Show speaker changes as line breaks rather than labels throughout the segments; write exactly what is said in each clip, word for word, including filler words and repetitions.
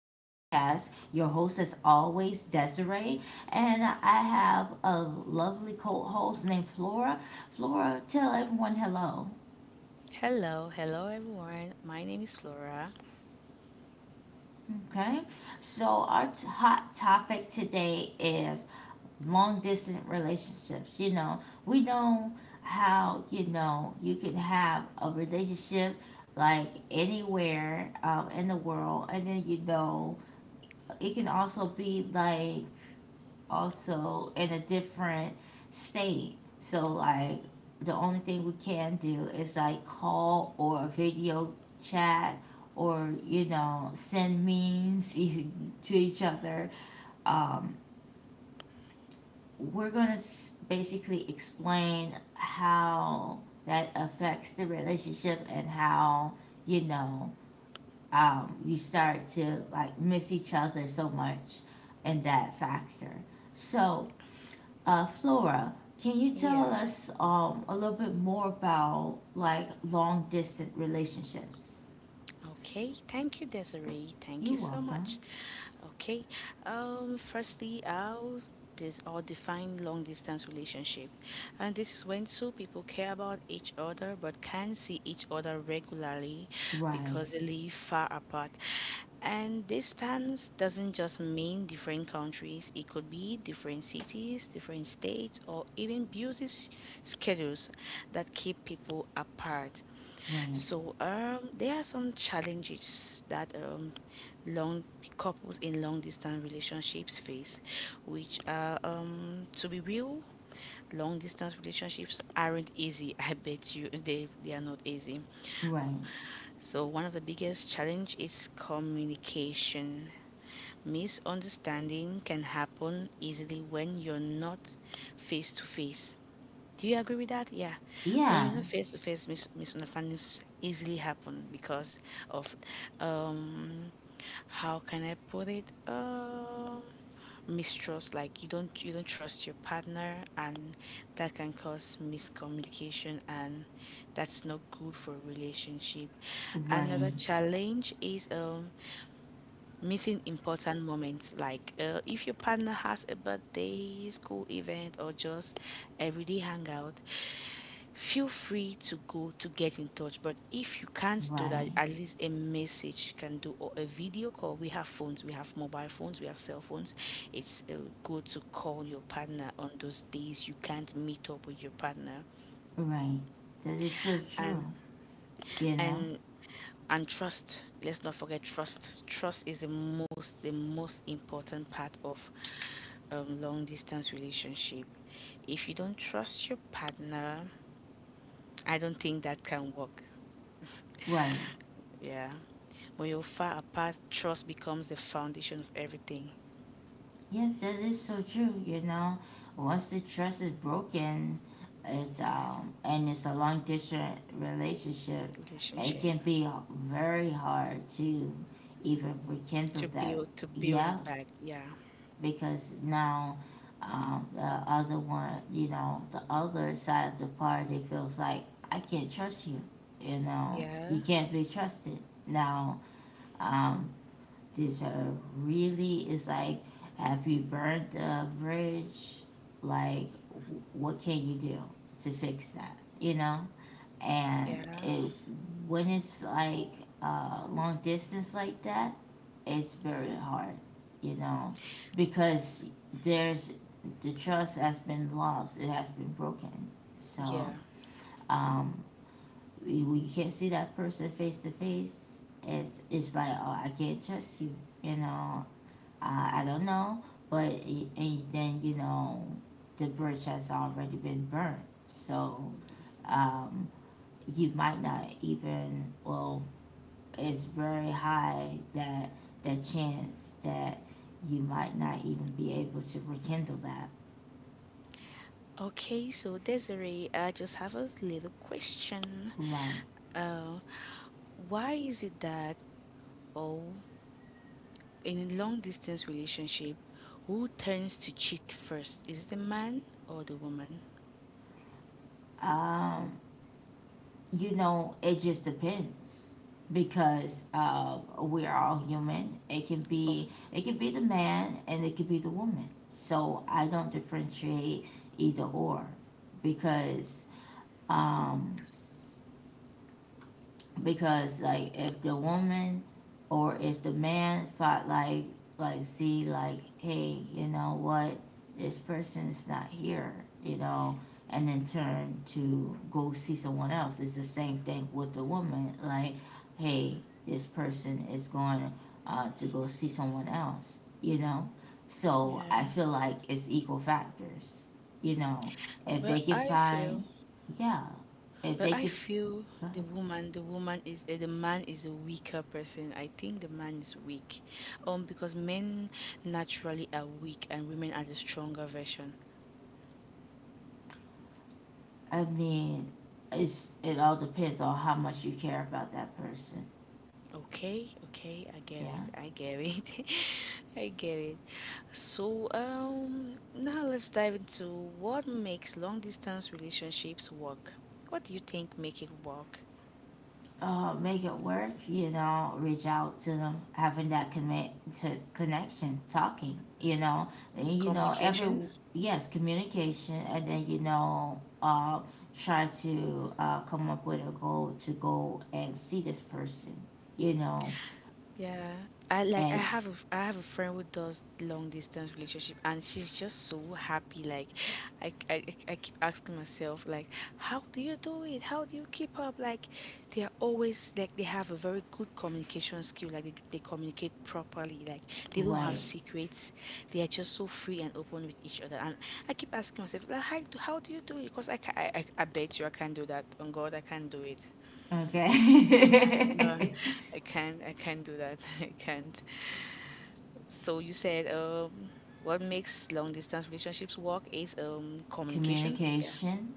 podcast. Your host is always Desiree, and I have a lovely co host named Flora. Flora, tell everyone hello.
Hello, hello everyone. My name is Flora.
Okay, so our t- hot topic today is long distance relationships. You know, we know how you know you can have a relationship like anywhere um, in the world, and then you know it can also be like also in a different state. So like the only thing we can do is like call or video chat or you know send memes to each other. Um, we're gonna s- basically explain how that affects the relationship and how you know um, you start to like miss each other so much in that factor. So Uh, Flora, can you tell
Yeah,
us um, a little bit more about like long distance relationships?
okay. Thank you, Desiree. Thank
You're
you so
welcome.
much. Okay. Um, firstly, I'll this or define long distance relationship. And this is when two people care about each other but can see each other regularly
Right,
because they live far apart. And distance doesn't just mean different countries, it could be different cities, different states, or even busy s- schedules that keep people apart.
right,
So, um, there are some challenges that um, long couples in long distance relationships face, which are, um, to be real, long distance relationships aren't easy. I bet you they, they are not easy.
right.
So, one of the biggest challenge is communication. Misunderstanding can happen easily when you're not face to face. Do you agree with that? Yeah. When you're
Yeah,
not face to face, mis- misunderstandings easily happen because of, um, how can I put it? Um, mistrust. Like you don't you don't trust your partner, and that can cause miscommunication, and that's not good for a relationship.
right,
Another challenge is um missing important moments like uh, if your partner has a birthday, school event, or just everyday hangout, feel free to go to get in touch. But if you can't do that,
right,
at least a message you can do or a video call. We have phones, we have mobile phones, we have cell phones. It's uh, good to call your partner on those days you can't meet up with your partner,
right. That is so true,
and
you know?
and and trust, let's not forget trust trust is the most the most important part of um, long distance relationship. If you don't trust your partner, I don't think that can work.
Right.
Yeah, when you're far apart, trust becomes the foundation of everything.
Yeah, that is so true. You know, once the trust is broken, it's
Yeah,
um and it's a long distance relationship. It
relationship.
can be h- very hard to even
to
rekindle that.
build to build
Yeah,
it back. Yeah,
because now um, the other one, you know, the other side of the party feels like I can't trust you. You know,
yeah,
you can't be trusted. Now, um, this uh, really is like, have you burned the bridge? Like, wh- what can you do to fix that? You know?
yeah,
And it when it's like uh, long distance like that, it's very hard, you know, because there's the trust has been lost, it has been broken.
yeah.
So um, we- you can't see that person face to face, it's it's like oh I can't trust you, you know. Uh, I don't know, but i- and then you know the bridge has already been burned, so um, you might not even. Well, it's very high that the chance that you might not even be able to rekindle that.
Okay, so Desiree, I just have a little question.
Right.
Uh, why is it that Oh, in a long distance relationship, who tends to cheat first? Is the man or the woman?
Um, you know, it just depends because uh, we're all human. It can
Oh,
be it can be the man and it could be the woman. So I don't differentiate either or because um, because like if the woman or if the man thought like like see like hey you know what this person is not here you know and then turn to go see someone else it's the same thing with the woman like hey this person is going uh, to go see someone else you know so I
yeah.
feel like it's equal factors you know if they
But
can
I
find
feel,
yeah if
but
they
I
can
feel
go
the
ahead.
woman, the woman is eh, the man is a weaker person. I think the man is weak, um, because men naturally are weak and women are the stronger version.
I mean, it's it all depends on how much you care about that person.
Okay, okay, I get it.
Yeah.
I get it. I get it. So, um, now let's dive into what makes long distance relationships work. What do you think make it work?
Uh, make it work. You know, reach out to them, having that connect to connection, talking. You know, and you know every
Communication?
yes communication, and then you know uh, try to uh, come up with a goal to go and see this person. You know,
Yeah. I like I
and
have a f- I have a friend who does long distance relationship and she's just so happy. Like I, c- I, I I keep asking myself like how do you do it? How do you keep up? Like they are always, like they have a very good communication skill. Like they, they communicate properly. Like they don't have
right.
secrets. They are just so free and open with each other. And I keep asking myself like how do how do you do it? Because I, ca- I I I bet you I can't do that. On God, I can't do it. I, no,
Okay.
I can't. I can't do that. I can't. So you said, um, what makes long distance relationships work is um, communication. Yeah,
communication,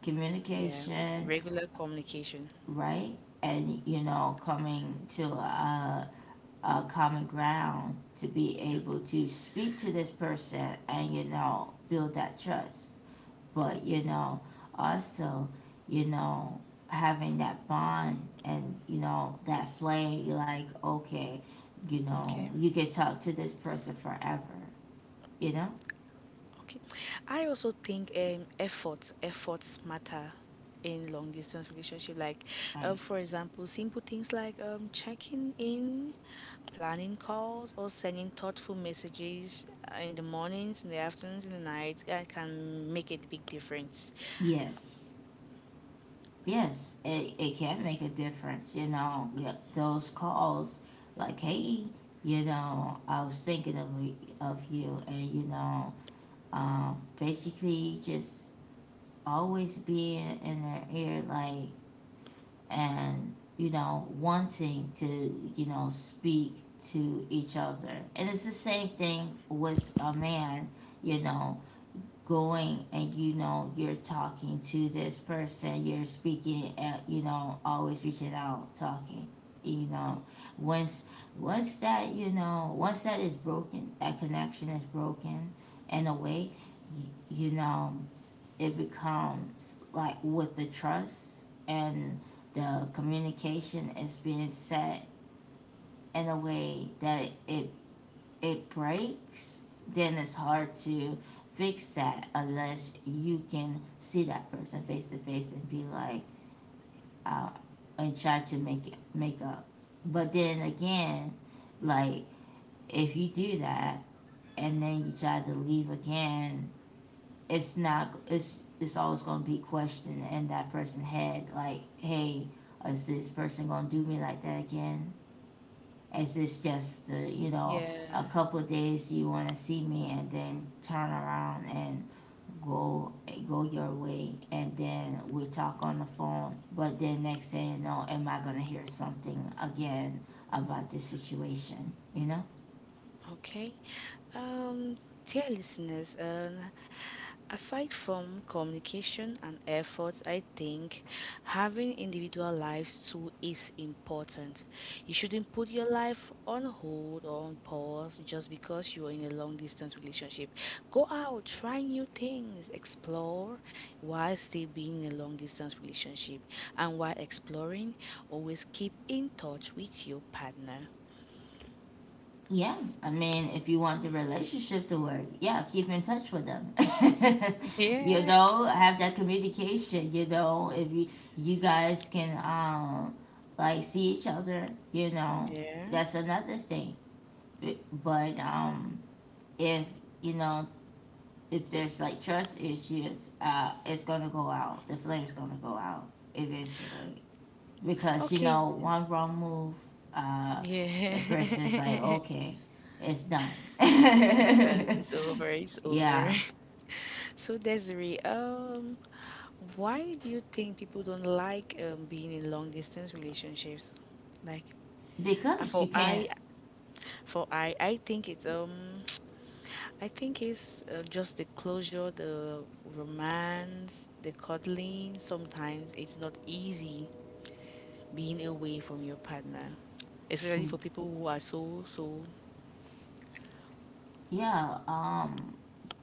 yeah,
communication,
regular communication.
right? And you know, coming to a, a common ground to be
Yeah,
able to speak to this person and you know build that trust. But you know, also, you know, having that bond and you know that flame. You're like, okay, you know,
okay,
you can talk to this person forever. You know,
okay. I also think um, efforts efforts matter in long distance relationship. Like,
right?
um, for example, simple things like um, checking in, planning calls, or sending thoughtful messages uh, in the mornings, in the afternoons, in the night. That can make a big difference.
Yes. Yes, it, it can make a difference, you know, th- those calls like, hey, you know, I was thinking of, y- of you, and, you know, um, basically just always being in their ear, like, and, you know, wanting to, you know, speak to each other. And it's the same thing with a man, you know, going and you know you're talking to this person you're speaking and you know always reaching out talking you
Oh,
know once once that you know once that is broken that connection is broken in a way you, you know it becomes like with the trust and the communication is being set in a way that it it breaks, then it's hard to fix that unless you can see that person face to face and be like, uh, and try to make it make up. But then again, like if you do that and then you try to leave again, it's not it's it's always gonna be questioned in that person's head like, hey, is this person gonna do me like that again? Is this just, uh, you know, a
yeah.
couple of days you want to see me and then turn around and go go your way and then we talk on the phone but then next thing you know am I going to hear something again about this situation you know.
Okay. Um, dear listeners, um, aside from communication and efforts, I think having individual lives too is important. You shouldn't put your life on hold or on pause just because you're in a long distance relationship. Go out, try new things, explore while still being in a long distance relationship. And while exploring, always keep in touch with your partner.
Yeah, I mean, if you want the relationship to work, yeah, keep in touch with them. you
Yeah,
know, have that communication. You know, if you you guys can um like see each other, you know,
yeah.
that's another thing. B- But um, if you know if there's like trust issues, uh, it's gonna go out. The flame's gonna go out eventually because you
Okay,
know one wrong move uh
yeah,
the person's like okay it's done.
it's done. It's over. It's over.
Yeah,
So Desiree, um, why do you think people don't like um being in long distance relationships? Like, uh,
because
for
you
I,
can't.
for I, I think it's um, I think it's uh, just the closure, the romance, the cuddling. Sometimes it's not easy being away from your partner, especially for people who are so so.
Yeah um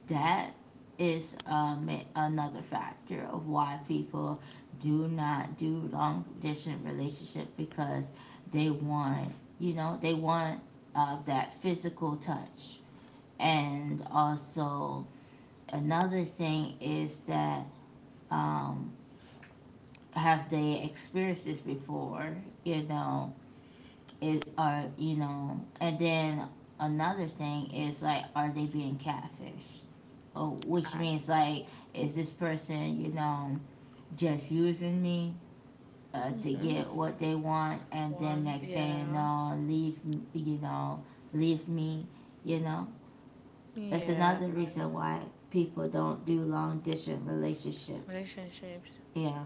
that is um another factor of why people do not do long distance relationship because they want you know they want uh, that physical touch and also another thing is that um have they experienced this before you know it are you know and then another thing is like are they being catfished oh, which
I,
means like is this person you know just using me uh, to
hmm.
get what they want and then
One,
next thing you
yeah,
know leave you know leave me you know that's
yeah.
another reason why people don't do long distance relationship
Relationships.
yeah.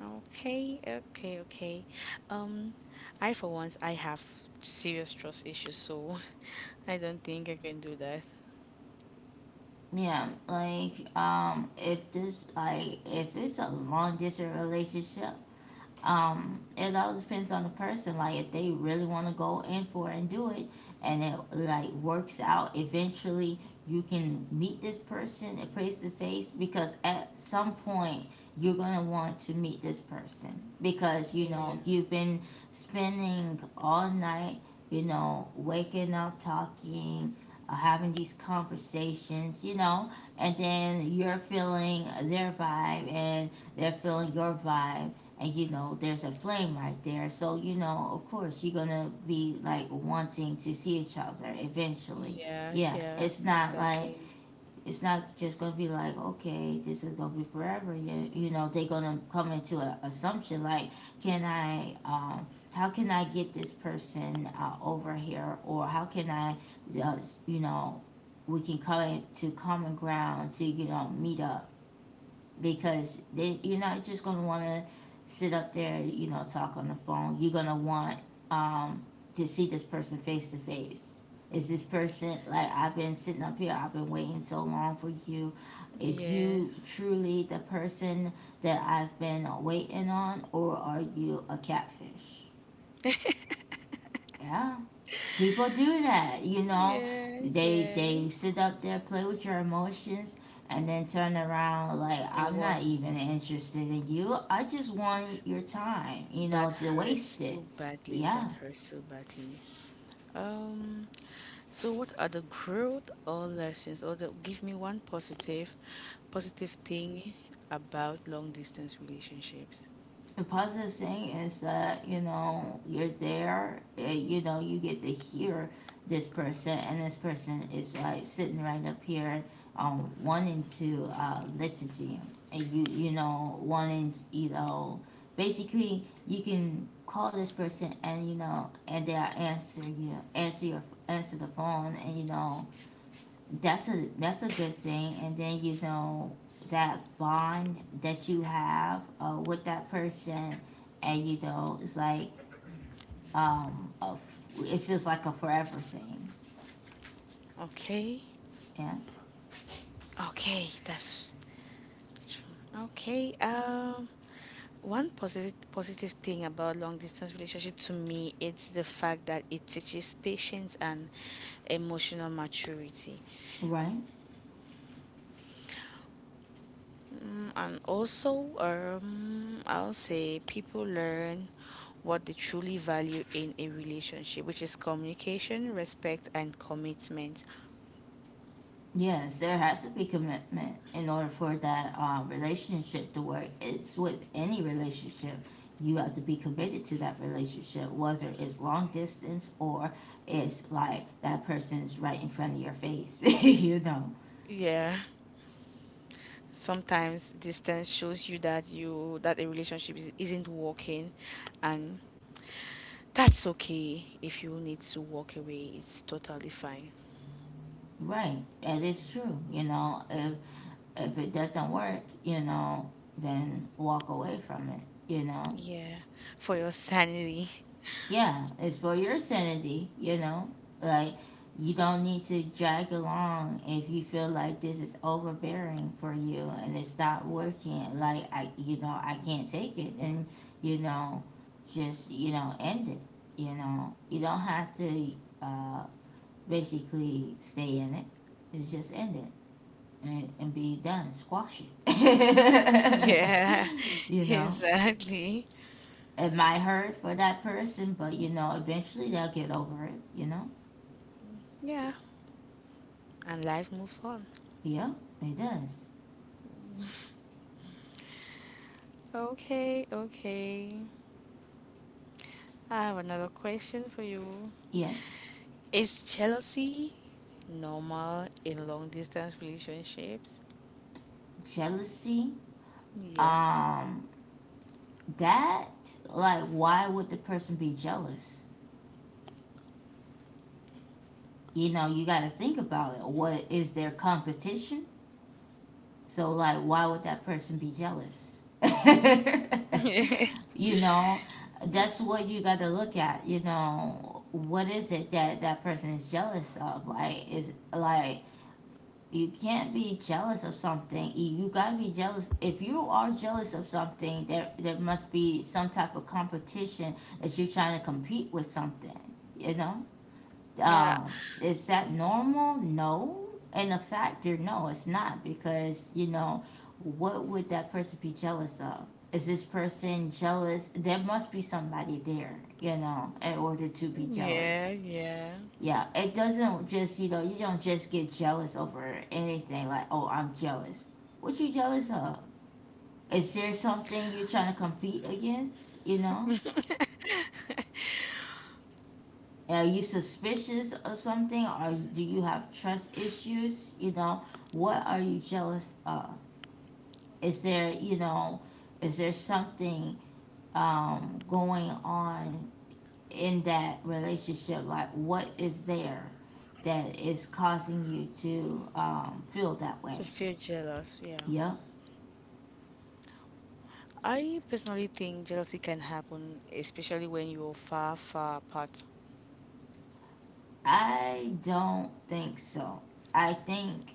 Okay, okay, okay. Um, I, for once, I have serious trust issues, so I don't think I can do that.
Yeah, like um, if this like if it's a long distance relationship, um it all depends on the person like if they really want to go in for it and do it and it like works out eventually you can meet this person and face to face because at some point you're going to want to meet this person because you
Yeah,
know you've been spending all night you know waking up talking uh, having these conversations you know and then you're feeling their vibe and they're feeling your vibe and you know there's a flame right there so you know of course you're gonna be like wanting to see each other eventually
yeah,
yeah
yeah,
it's not like
exactly.
it's not just gonna be like okay this is gonna be forever you, you know they're gonna come into an assumption like can I um how can I get this person uh, over here or how can I just you know we can come to common ground to you know meet up because they, you're not just going to want to sit up there, you know, talk on the phone. You're going to want um, to see this person face to face. Is this person like I've been sitting up here? I've been waiting so long for you. Is
Yeah,
you truly the person that I've been waiting on, or are you a catfish? Yeah people do that you know
yeah,
they
yeah.
they sit up there play with your emotions and then turn around like
And
I'm not
well,
even interested in you I just wanted your time you know
that
to waste
hurts
it
so badly.
yeah.
That hurts so badly. Um, so what are the growth or lessons, or the, give me one positive, positive thing about long distance relationships?
The positive thing is that you know you're there and, you know you get to hear this person and this person is like sitting right up here um wanting to uh listen to you and you you know wanting to, you know basically you can call this person and you know and they'll answer you answer your answer the phone and you know that's a that's a good thing, and then you know that bond that you have uh, with that person, and you know it's like um a f- it feels like a forever thing.
Okay.
Yeah,
Okay, that's true. Okay. Um one positive positive thing about long distance relationship to me, it's the fact that it teaches patience and emotional maturity.
right.
Mm, and also um I'll say people learn what they truly value in a relationship, which is communication, respect and commitment.
Yes, there has to be commitment in order for that um, relationship to work. It's with any relationship. You have to be committed to that relationship, whether it's long distance or it's like that person's right in front of your face, you know.
Yeah. Sometimes distance shows you that you that a relationship is, isn't working, and that's okay. If you need to walk away, it's totally fine.
Right. That is true. You know, if if it doesn't work, you know, then walk away from it, you know.
Yeah, for your sanity.
Yeah, it's for your sanity, you know. Like you don't need to drag along if you feel like this is overbearing for you and it's not working. Like I you know, I can't take it and you know, just, you know, end it. You know. You don't have to uh basically stay in it. It's just end it. and, and be done, squash it.
Yeah,
you know,
exactly.
it might hurt for that person, but you know, eventually they'll get over it. You know,
Yeah, and life moves on.
yeah, it does.
Okay, okay. I have another question for you.
Yes,
Is jealousy normal in long distance relationships?
jealousy.
Yeah.
Um, that like, why would the person be jealous? You know, you got to think about it. What is their competition? So, like, why would that person be jealous? you know, that's what you got to look at. You know, what is it that that person is jealous of? Like, is, like, you can't be jealous of something. You got to be jealous. If you are jealous of something, there there must be some type of competition that you're trying to compete with something. You know
Yeah,
um, is that normal? No. In a factor, no, it's not because, you know, what would that person be jealous of? Is this person jealous? There must be somebody there, you know, in order to be
yeah,
jealous.
yeah.
Yeah, it doesn't just, you know, you don't just get jealous over anything like, oh, I'm jealous. What you jealous of? Is there something you're trying to compete against, you know? Are you suspicious of something? Are you, do you have trust issues? You know, what are you jealous of? Is there, you know, is there something um, going on in that relationship? Like, what is there that is causing you to um, feel that
To
way?
feel jealous, yeah.
Yep.
I personally think jealousy can happen, especially when you're far, far apart.
I don't think so. I think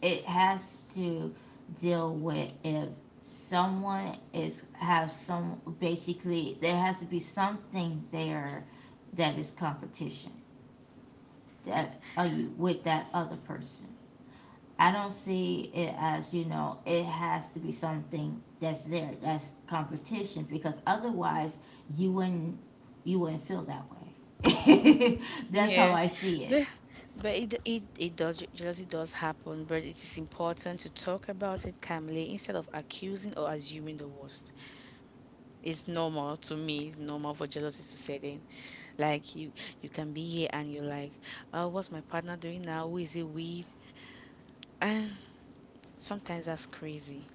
it has to deal with, if someone is, have some, basically there has to be something there that is competition, that are you with that other person. I don't see it as, you know it has to be something that's there, that's competition, because otherwise you wouldn't you wouldn't feel that way. That's how
Yeah,
I see it.
but But it, it, it does, jealousy does happen, but it is important to talk about it calmly instead of accusing or assuming the worst. It's normal to me, it's normal for jealousy to set in. Like you, you can be here and you're like, oh, what's my partner doing now? Who is he with? And sometimes that's crazy.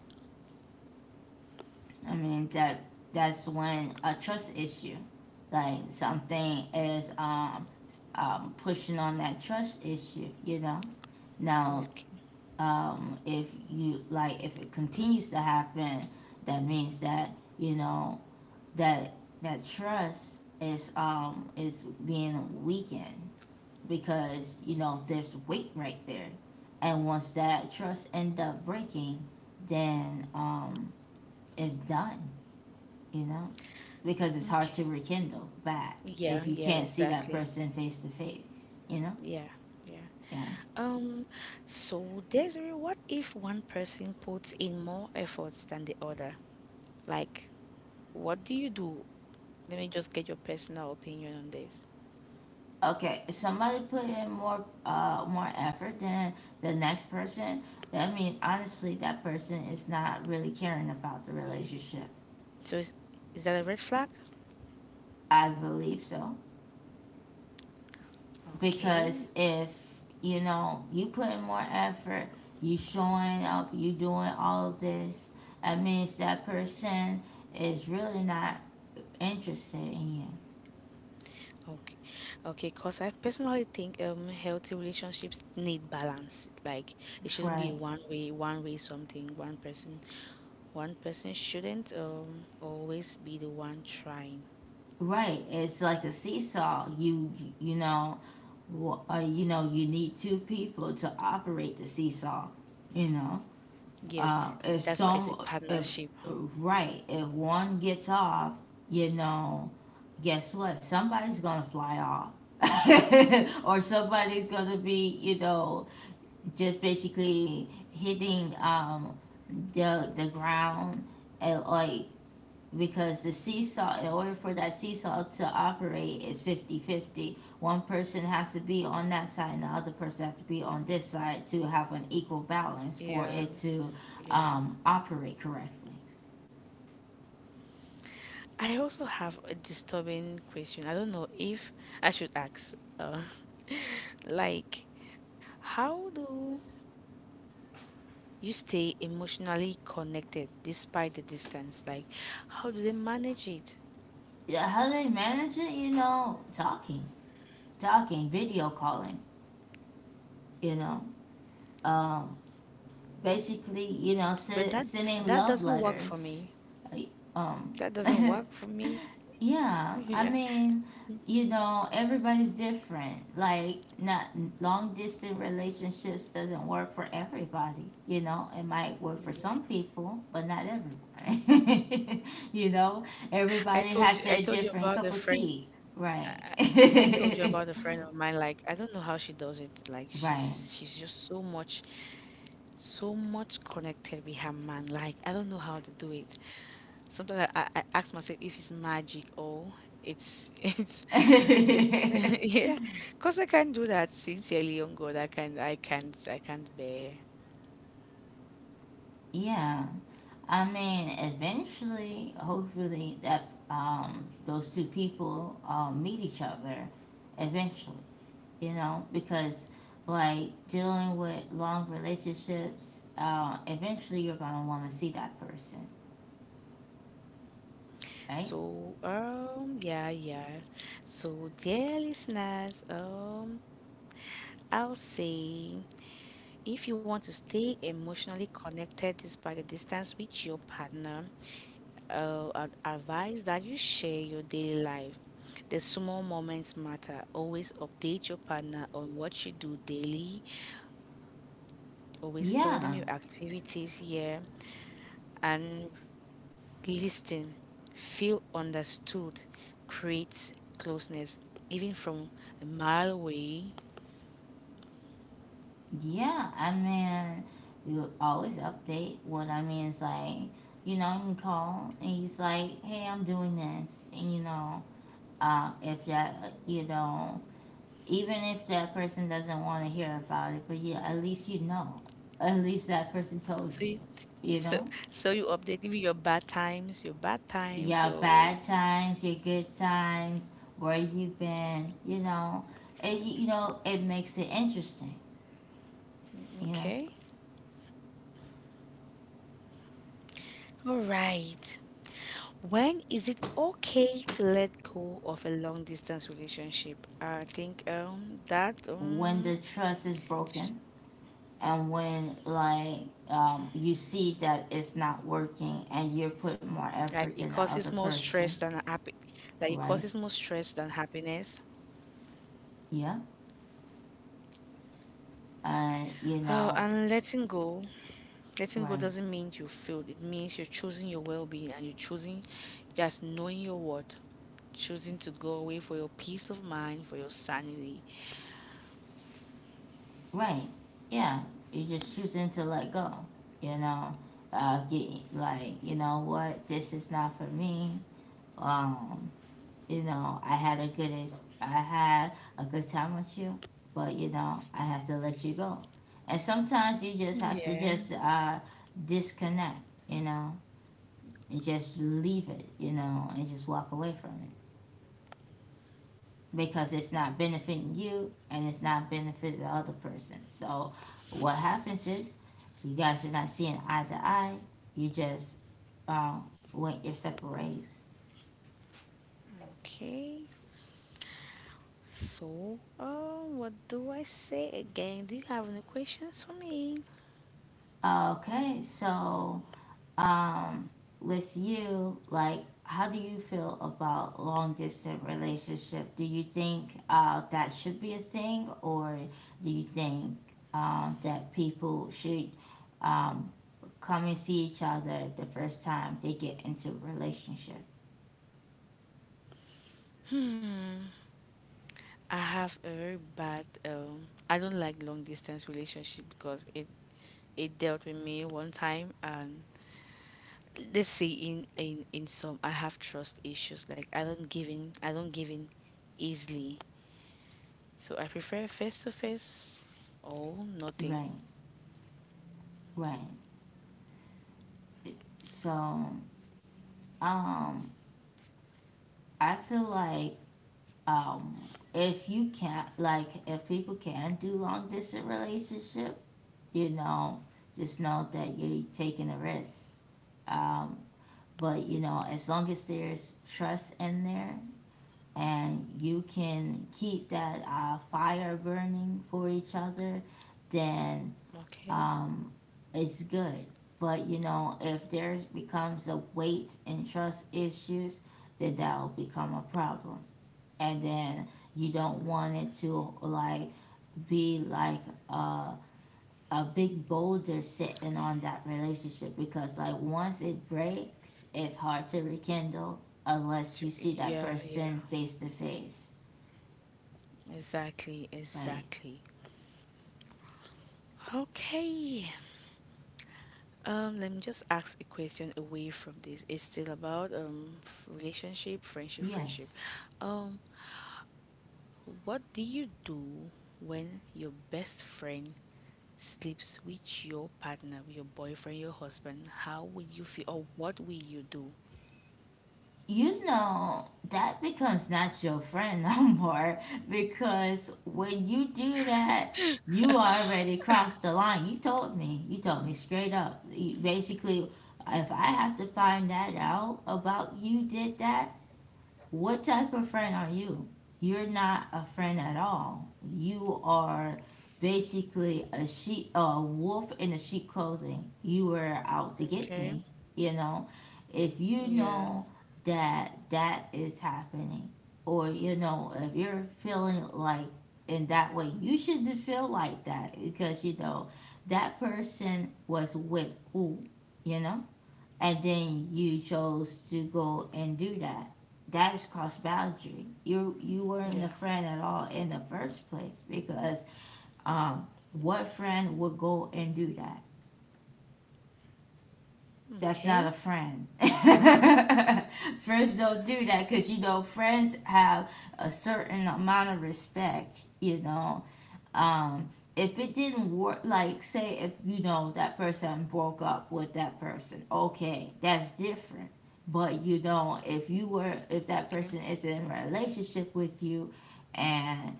I mean that that's when a trust issue, like something is, um, um, pushing on that trust issue. You know, now,
Okay.
um, if you like, if it continues to happen, that means that, you know that that trust is, um is being weakened, because you know there's weight right there, and once that trust end up breaking, then um it's done. You know because it's hard
Okay.
to rekindle back
Yeah,
if you
yeah,
can't see that
exactly.
person face to face, you know
Yeah, yeah.
yeah.
Um, so Desiree, what if one person puts in more efforts than the other? Like, what do you do? Let me just get your personal opinion on this.
Okay, if somebody put in more, uh more effort than the next person, I mean honestly that person is not really caring about the relationship.
So, is, is that a red flag?
I believe so,
Okay.
because if, you know you put in more effort, you showing up, you doing all of this, that means that person is really not interested in you.
Okay. Okay. Cause I personally think um healthy relationships need balance. Like it shouldn't be
Right.
one way, one way something, one person. One person shouldn't um always be the one trying.
Right, it's like a seesaw. You you know, w- uh, you know, you need two people to operate the seesaw. You know,
Yet
uh,
that's why
if
it's a
some,
partnership.
if, right, if one gets off, you know, guess what? Somebody's gonna fly off, or somebody's gonna be, you know, just basically hitting um the the ground. And like, because the seesaw, in order for that seesaw to operate is fifty-fifty. One person has to be on that side and the other person has to be on this side to have an equal balance for it
Yeah.
to
Yeah.
um, operate correctly.
I also have a disturbing question. I don't know if I should ask. Uh, like, how do you stay emotionally connected despite the distance? Like, how do they manage it?
Yeah, how they manage it, you know talking talking video calling, you know um, basically, you know,
But that
se-
that
sending
doesn't
love
work for me.
letters. Like, Um,
That doesn't work for me.
yeah, I
Yeah.
mean, you know, everybody's different. Like, not long distance relationships doesn't work for everybody. You know, it might work for
Yeah.
some people, but not everyone. you know,
I
everybody
told
has
you I
their
told you
different
about a
cup of
friend
tea. Right.
I told you about a friend of mine, like I don't know how she does it. Like
Right.
she's she's just so much so much connected with her man. Like I don't know how to do it. Sometimes I, I, I ask myself if it's magic or it's it's it's yeah. Cause I can't do that sincerely on God. I can I can't I can't bear.
Yeah. I mean, eventually, hopefully, that, um, those two people, uh, meet each other eventually, you know, because, like, dealing with long relationships, uh, eventually you're going to want to see that person, right?
So um yeah, yeah. So dear listeners, um I'll say if you want to stay emotionally connected despite the distance with your partner, uh, ad- advice that you share your daily life. The small moments matter. Always update your partner on what you do daily. Always tell them
Yeah,
your activities here, and listen. Feel understood. Create closeness, even from a mile away.
yeah. I mean, you always update, what I mean is like, you know, you can call and he's like, hey, I'm doing this, and, you know, uh, if that, you know, even if that person doesn't want to hear about it, but yeah, at least, you know at least that person told you,
See,
you
so
know
so you update even your bad times, your bad times,
your bad
your
times, your good times, where you've been, you know it, you know it makes it interesting, you know.
okay. All right. When is it okay to let go of a long distance relationship? I think um that
When
um
the trust is
sh-
broken, and when like, um, you see that it's not working and you're putting more
like
effort than
it
the other
causes more
person.
stress than happy like it
Right,
causes more stress than happiness.
yeah, and you
Oh,
know.
and letting go, letting go
Right.
doesn't mean you failed. It means you're choosing your well-being, and you're choosing just knowing your worth, choosing to go away for your peace of mind, for your sanity.
Right. Yeah. You're just choosing to let go, you know. Uh, get, like, you know what, this is not for me. Um, you know, I had a good ex- I had a good time with you, but you know, I have to let you go. And sometimes you just have
Yeah.
to just, uh disconnect, you know, and just leave it, you know, and just walk away from it. Because it's not benefiting you and it's not benefiting the other person. So what happens is, you guys are not seeing eye to eye. You just, um, went your separate ways.
Okay. So, um, what do I say again? Do you have any questions for me?
Okay, so, um, with you, like, how do you feel about long distance relationship? Do you think, uh, that should be a thing, or do you think, um, that people should, um, come and see each other the first time they get into a relationship?
I have a very bad um I don't like long distance relationship because it it dealt with me one time, and let's say, in in in some I have trust issues. Like I don't give in I don't give in easily. So I prefer face to face or nothing.
Right, right. So, um, I feel like, um, if you can't, like, if people can do long distance relationship, you know, just know that you're taking a risk. Um, but you know, as long as there's trust in there and you can keep that, uh, fire burning for each other, then,
Okay.
um, it's good. But you know, if there becomes a weight and trust issues, then that will become a problem. And then you don't want it to like be like a a big boulder sitting on that relationship, because like once it breaks it's hard to rekindle unless you
To-
see that
Yeah, yeah.
person face to face.
Exactly,
Right.
exactly. Okay. Um, let me just ask a question away from this. It's still about um f- relationship, friendship, friendship.
Yes.
Um, what do you do when your best friend sleeps with your partner, with your boyfriend, your husband? How will you feel, or what will you do?
You know, that becomes not your friend no more, because when you do that, you already crossed the line. You told me, you told me straight up. You basically, if I have to find that out about you did that, what type of friend are you? You're not a friend at all. You are basically a sheep, a wolf in a sheep clothing. You were out to get me.
Okay.
You know, if you know
Yeah.
that that is happening, or you know, if you're feeling like in that way, you shouldn't feel like that because you know that person was with who. You know, and then you chose to go and do that. That's cross boundary. You you weren't a friend at
Yeah.
all in the first place, because, um, what friend would go and do that? That's not a
Okay.
friend. Friends don't do that because you know friends have a certain amount of respect. You know. Um, if it didn't work, like say if you know that person broke up with that person, okay, that's different. But you know, if you
Okay.
were, if that person is in a relationship with you, and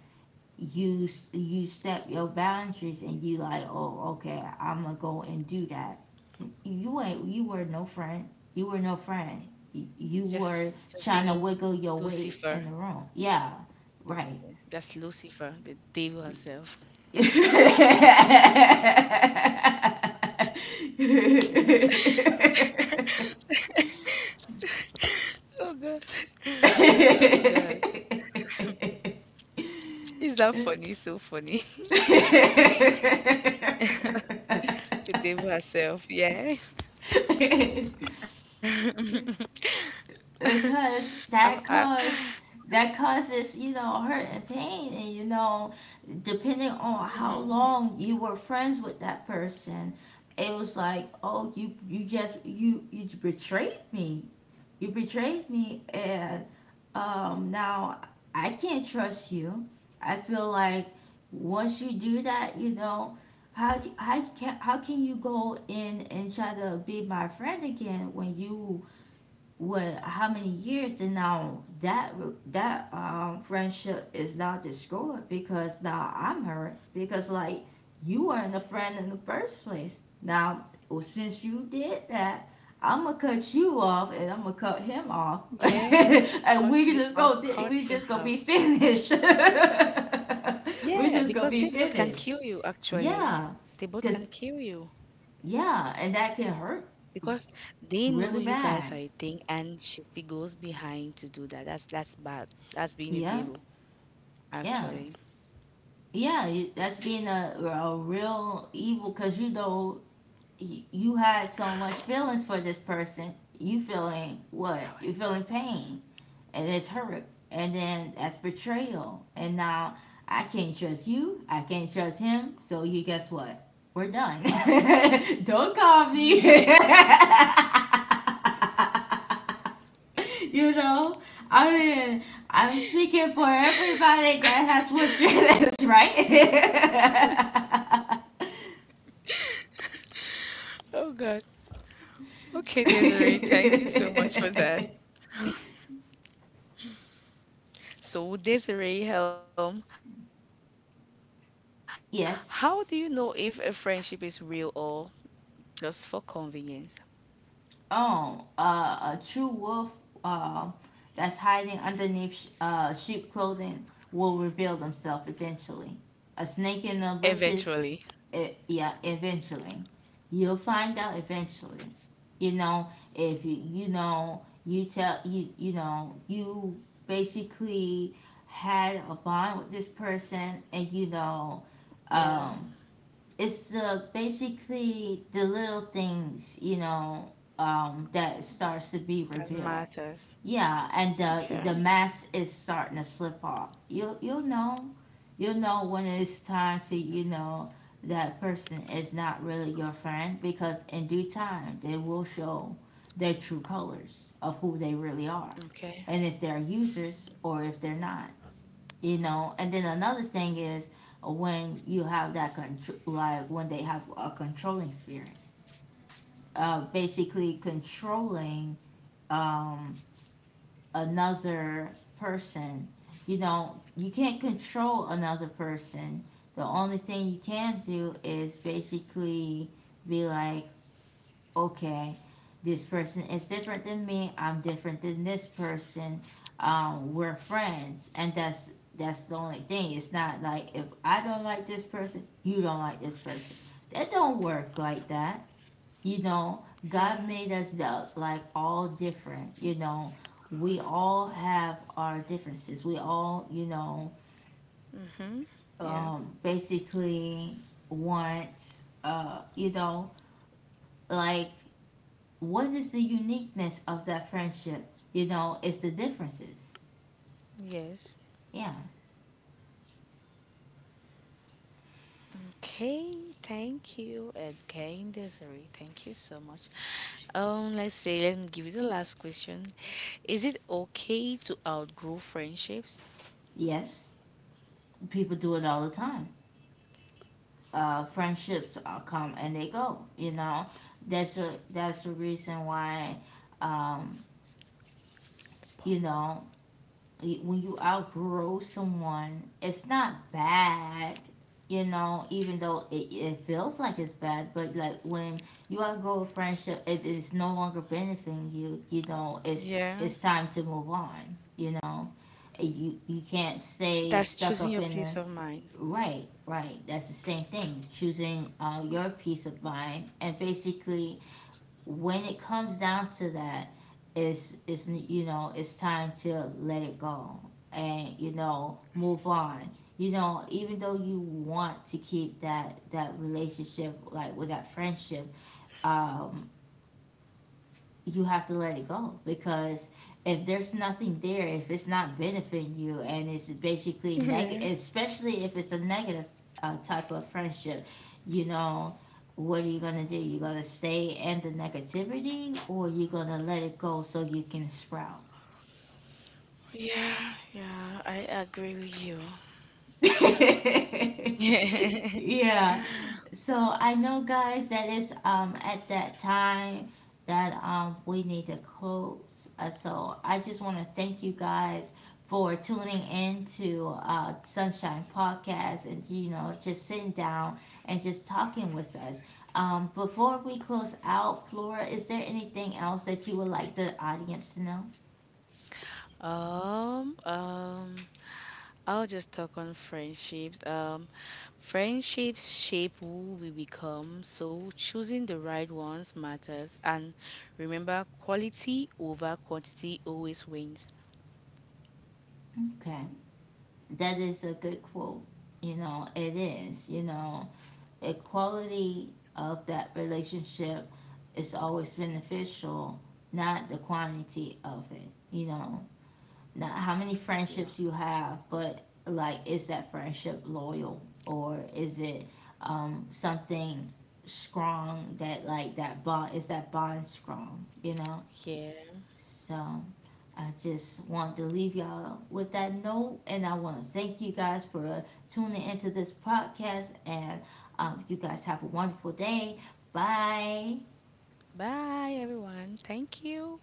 you you step your boundaries and you like, oh, okay, I'm gonna go and do that. You ain't, you were no friend. You were no friend. You were trying
Just
to
just
wiggle
being
your way
Lucifer.
in the room. Yeah, right.
That's Lucifer, the devil herself. Oh God. Oh God. Is that funny? So funny. To Devo herself. Yeah.
Because
I'm,
that
I,
cause that causes, you know, hurt and pain, and you know, depending on how long you were friends with that person, it was like, oh, you you just you you betrayed me, you betrayed me, and, um now I can't trust you. I feel like once you do that, you know, how do- how can, how can you go in and try to be my friend again when you, what, how many years, and now that, that, um friendship is now destroyed, because now I'm hurt because like you weren't a friend in the first place. Now well, since you did that, I'm gonna cut you off and I'm gonna cut him off,
yeah.
and we
Caught
can
you
just
off,
go,
caught
we
him
just gonna be
off.
finished. We
Yeah,
just gonna
because
be
they both can kill
finished.
you, actually.
Yeah,
They both can
cause,
kill you
yeah, and that can hurt
because they know
really
you guys
bad.
are a thing and she still goes behind to do that. That's that's bad. That's being a
Yeah,
devil,
yeah.
actually.
Yeah, you, that's being a, a real evil, because you know, y- you had so much feelings for this person. You feeling what?
How are
You feeling pain and it's hurt. And then that's betrayal. And now I can't trust you. I can't trust him. So you guess what? We're done. Don't call me. You know, I mean, I'm speaking for everybody that has went through this, right?
you? Oh God. Okay, Desiree, thank you so much for that. So, Desiree Helm, how do you know if a friendship is real
Yes.
or just for convenience?
Oh, Uh, a true wolf, uh, that's hiding underneath sh- uh, sheep clothing will reveal themselves eventually. A snake in the
Eventually.
bushes, it, yeah, eventually. You'll find out eventually. You know, if you, you know, you tell, you, you know, you basically had a bond with this person and, you know,
Yeah,
um, it's, uh, basically the little things, you know, um, that starts to be
that
revealed.
matters.
Yeah, and
Yeah.
the the mask is starting to slip off. You, you'll know, you'll know when it's time to, you know, that person is not really your friend, because in due time they will show their true colors of who they really are,
Okay.
and if they're users or if they're not. You know, and then another thing is, uh, when you have that control, like when they have a controlling spirit, uh, basically controlling, um, another person. You know, you can't control another person. The only thing you can do is basically be like, okay, this person is different than me. I'm different than this person. Um, we're friends, and that's that's the only thing. It's not like if I don't like this person, you don't like this person. That don't work like that. You know,
Yeah.
God made us the, like, all different. You know, we all have our differences. We all, you know,
Yeah.
um, basically want, uh, you know, like, what is the uniqueness of that friendship? You know, it's the differences.
Yes.
Yeah.
Okay. Thank you again, Desiree. Thank you so much. Um, let's say let me give you the last question. Is it okay to outgrow friendships?
Yes, people do it all the time. Uh, friendships, uh, come and they go. You know, that's a, that's the reason why, um, you know, y- when you outgrow someone, it's not bad, you know, even though it, it feels like it's bad, but like when you outgrow a friendship, it is no longer benefiting you, you know, it's
Yeah.
it's time to move on, you know. And You you can't
That's
stay
choosing your
stuck up
peace of
in the,
mind.
right, right. That's the same thing. Choosing, uh, your peace of mind, and basically when it comes down to that, it's it's you know, it's time to let it go and, you know, move on. You know, even though you want to keep that, that relationship like with that friendship, um, you have to let it go, because if there's nothing there, if it's not benefiting you, and it's basically negative, especially if it's a negative, uh, type of friendship, you know, what are you gonna do? You're gonna stay in the negativity, or you're gonna let it go so you can sprout.
Yeah. Yeah. Yeah. I agree with you.
Yeah. So I know, guys, that is, um at that time that, um we need to close. Uh, so I just want to thank you guys for tuning in to, uh, Sunshine Podcast and, you know, just sitting down and just talking with us. Um, before we close out, Flora, is there anything else that you would like the audience to know?
um. Um. I'll just talk on friendships. Um, friendships shape who we become, so choosing the right ones matters. And remember, quality over quantity always wins.
Okay, that is a good quote. You know, it is. You know, a quality of that relationship is always beneficial, not the quantity of it. You know, not how many
Yeah.
friendships you have, but like, is that friendship loyal, or is it, um, something strong, that, like, that bond, is that bond strong? You know,
Yeah.
so I just wanted to leave y'all with that note, and I want to thank you guys for tuning into this podcast. And, um, you guys have a wonderful day. Bye.
Bye, everyone. Thank you.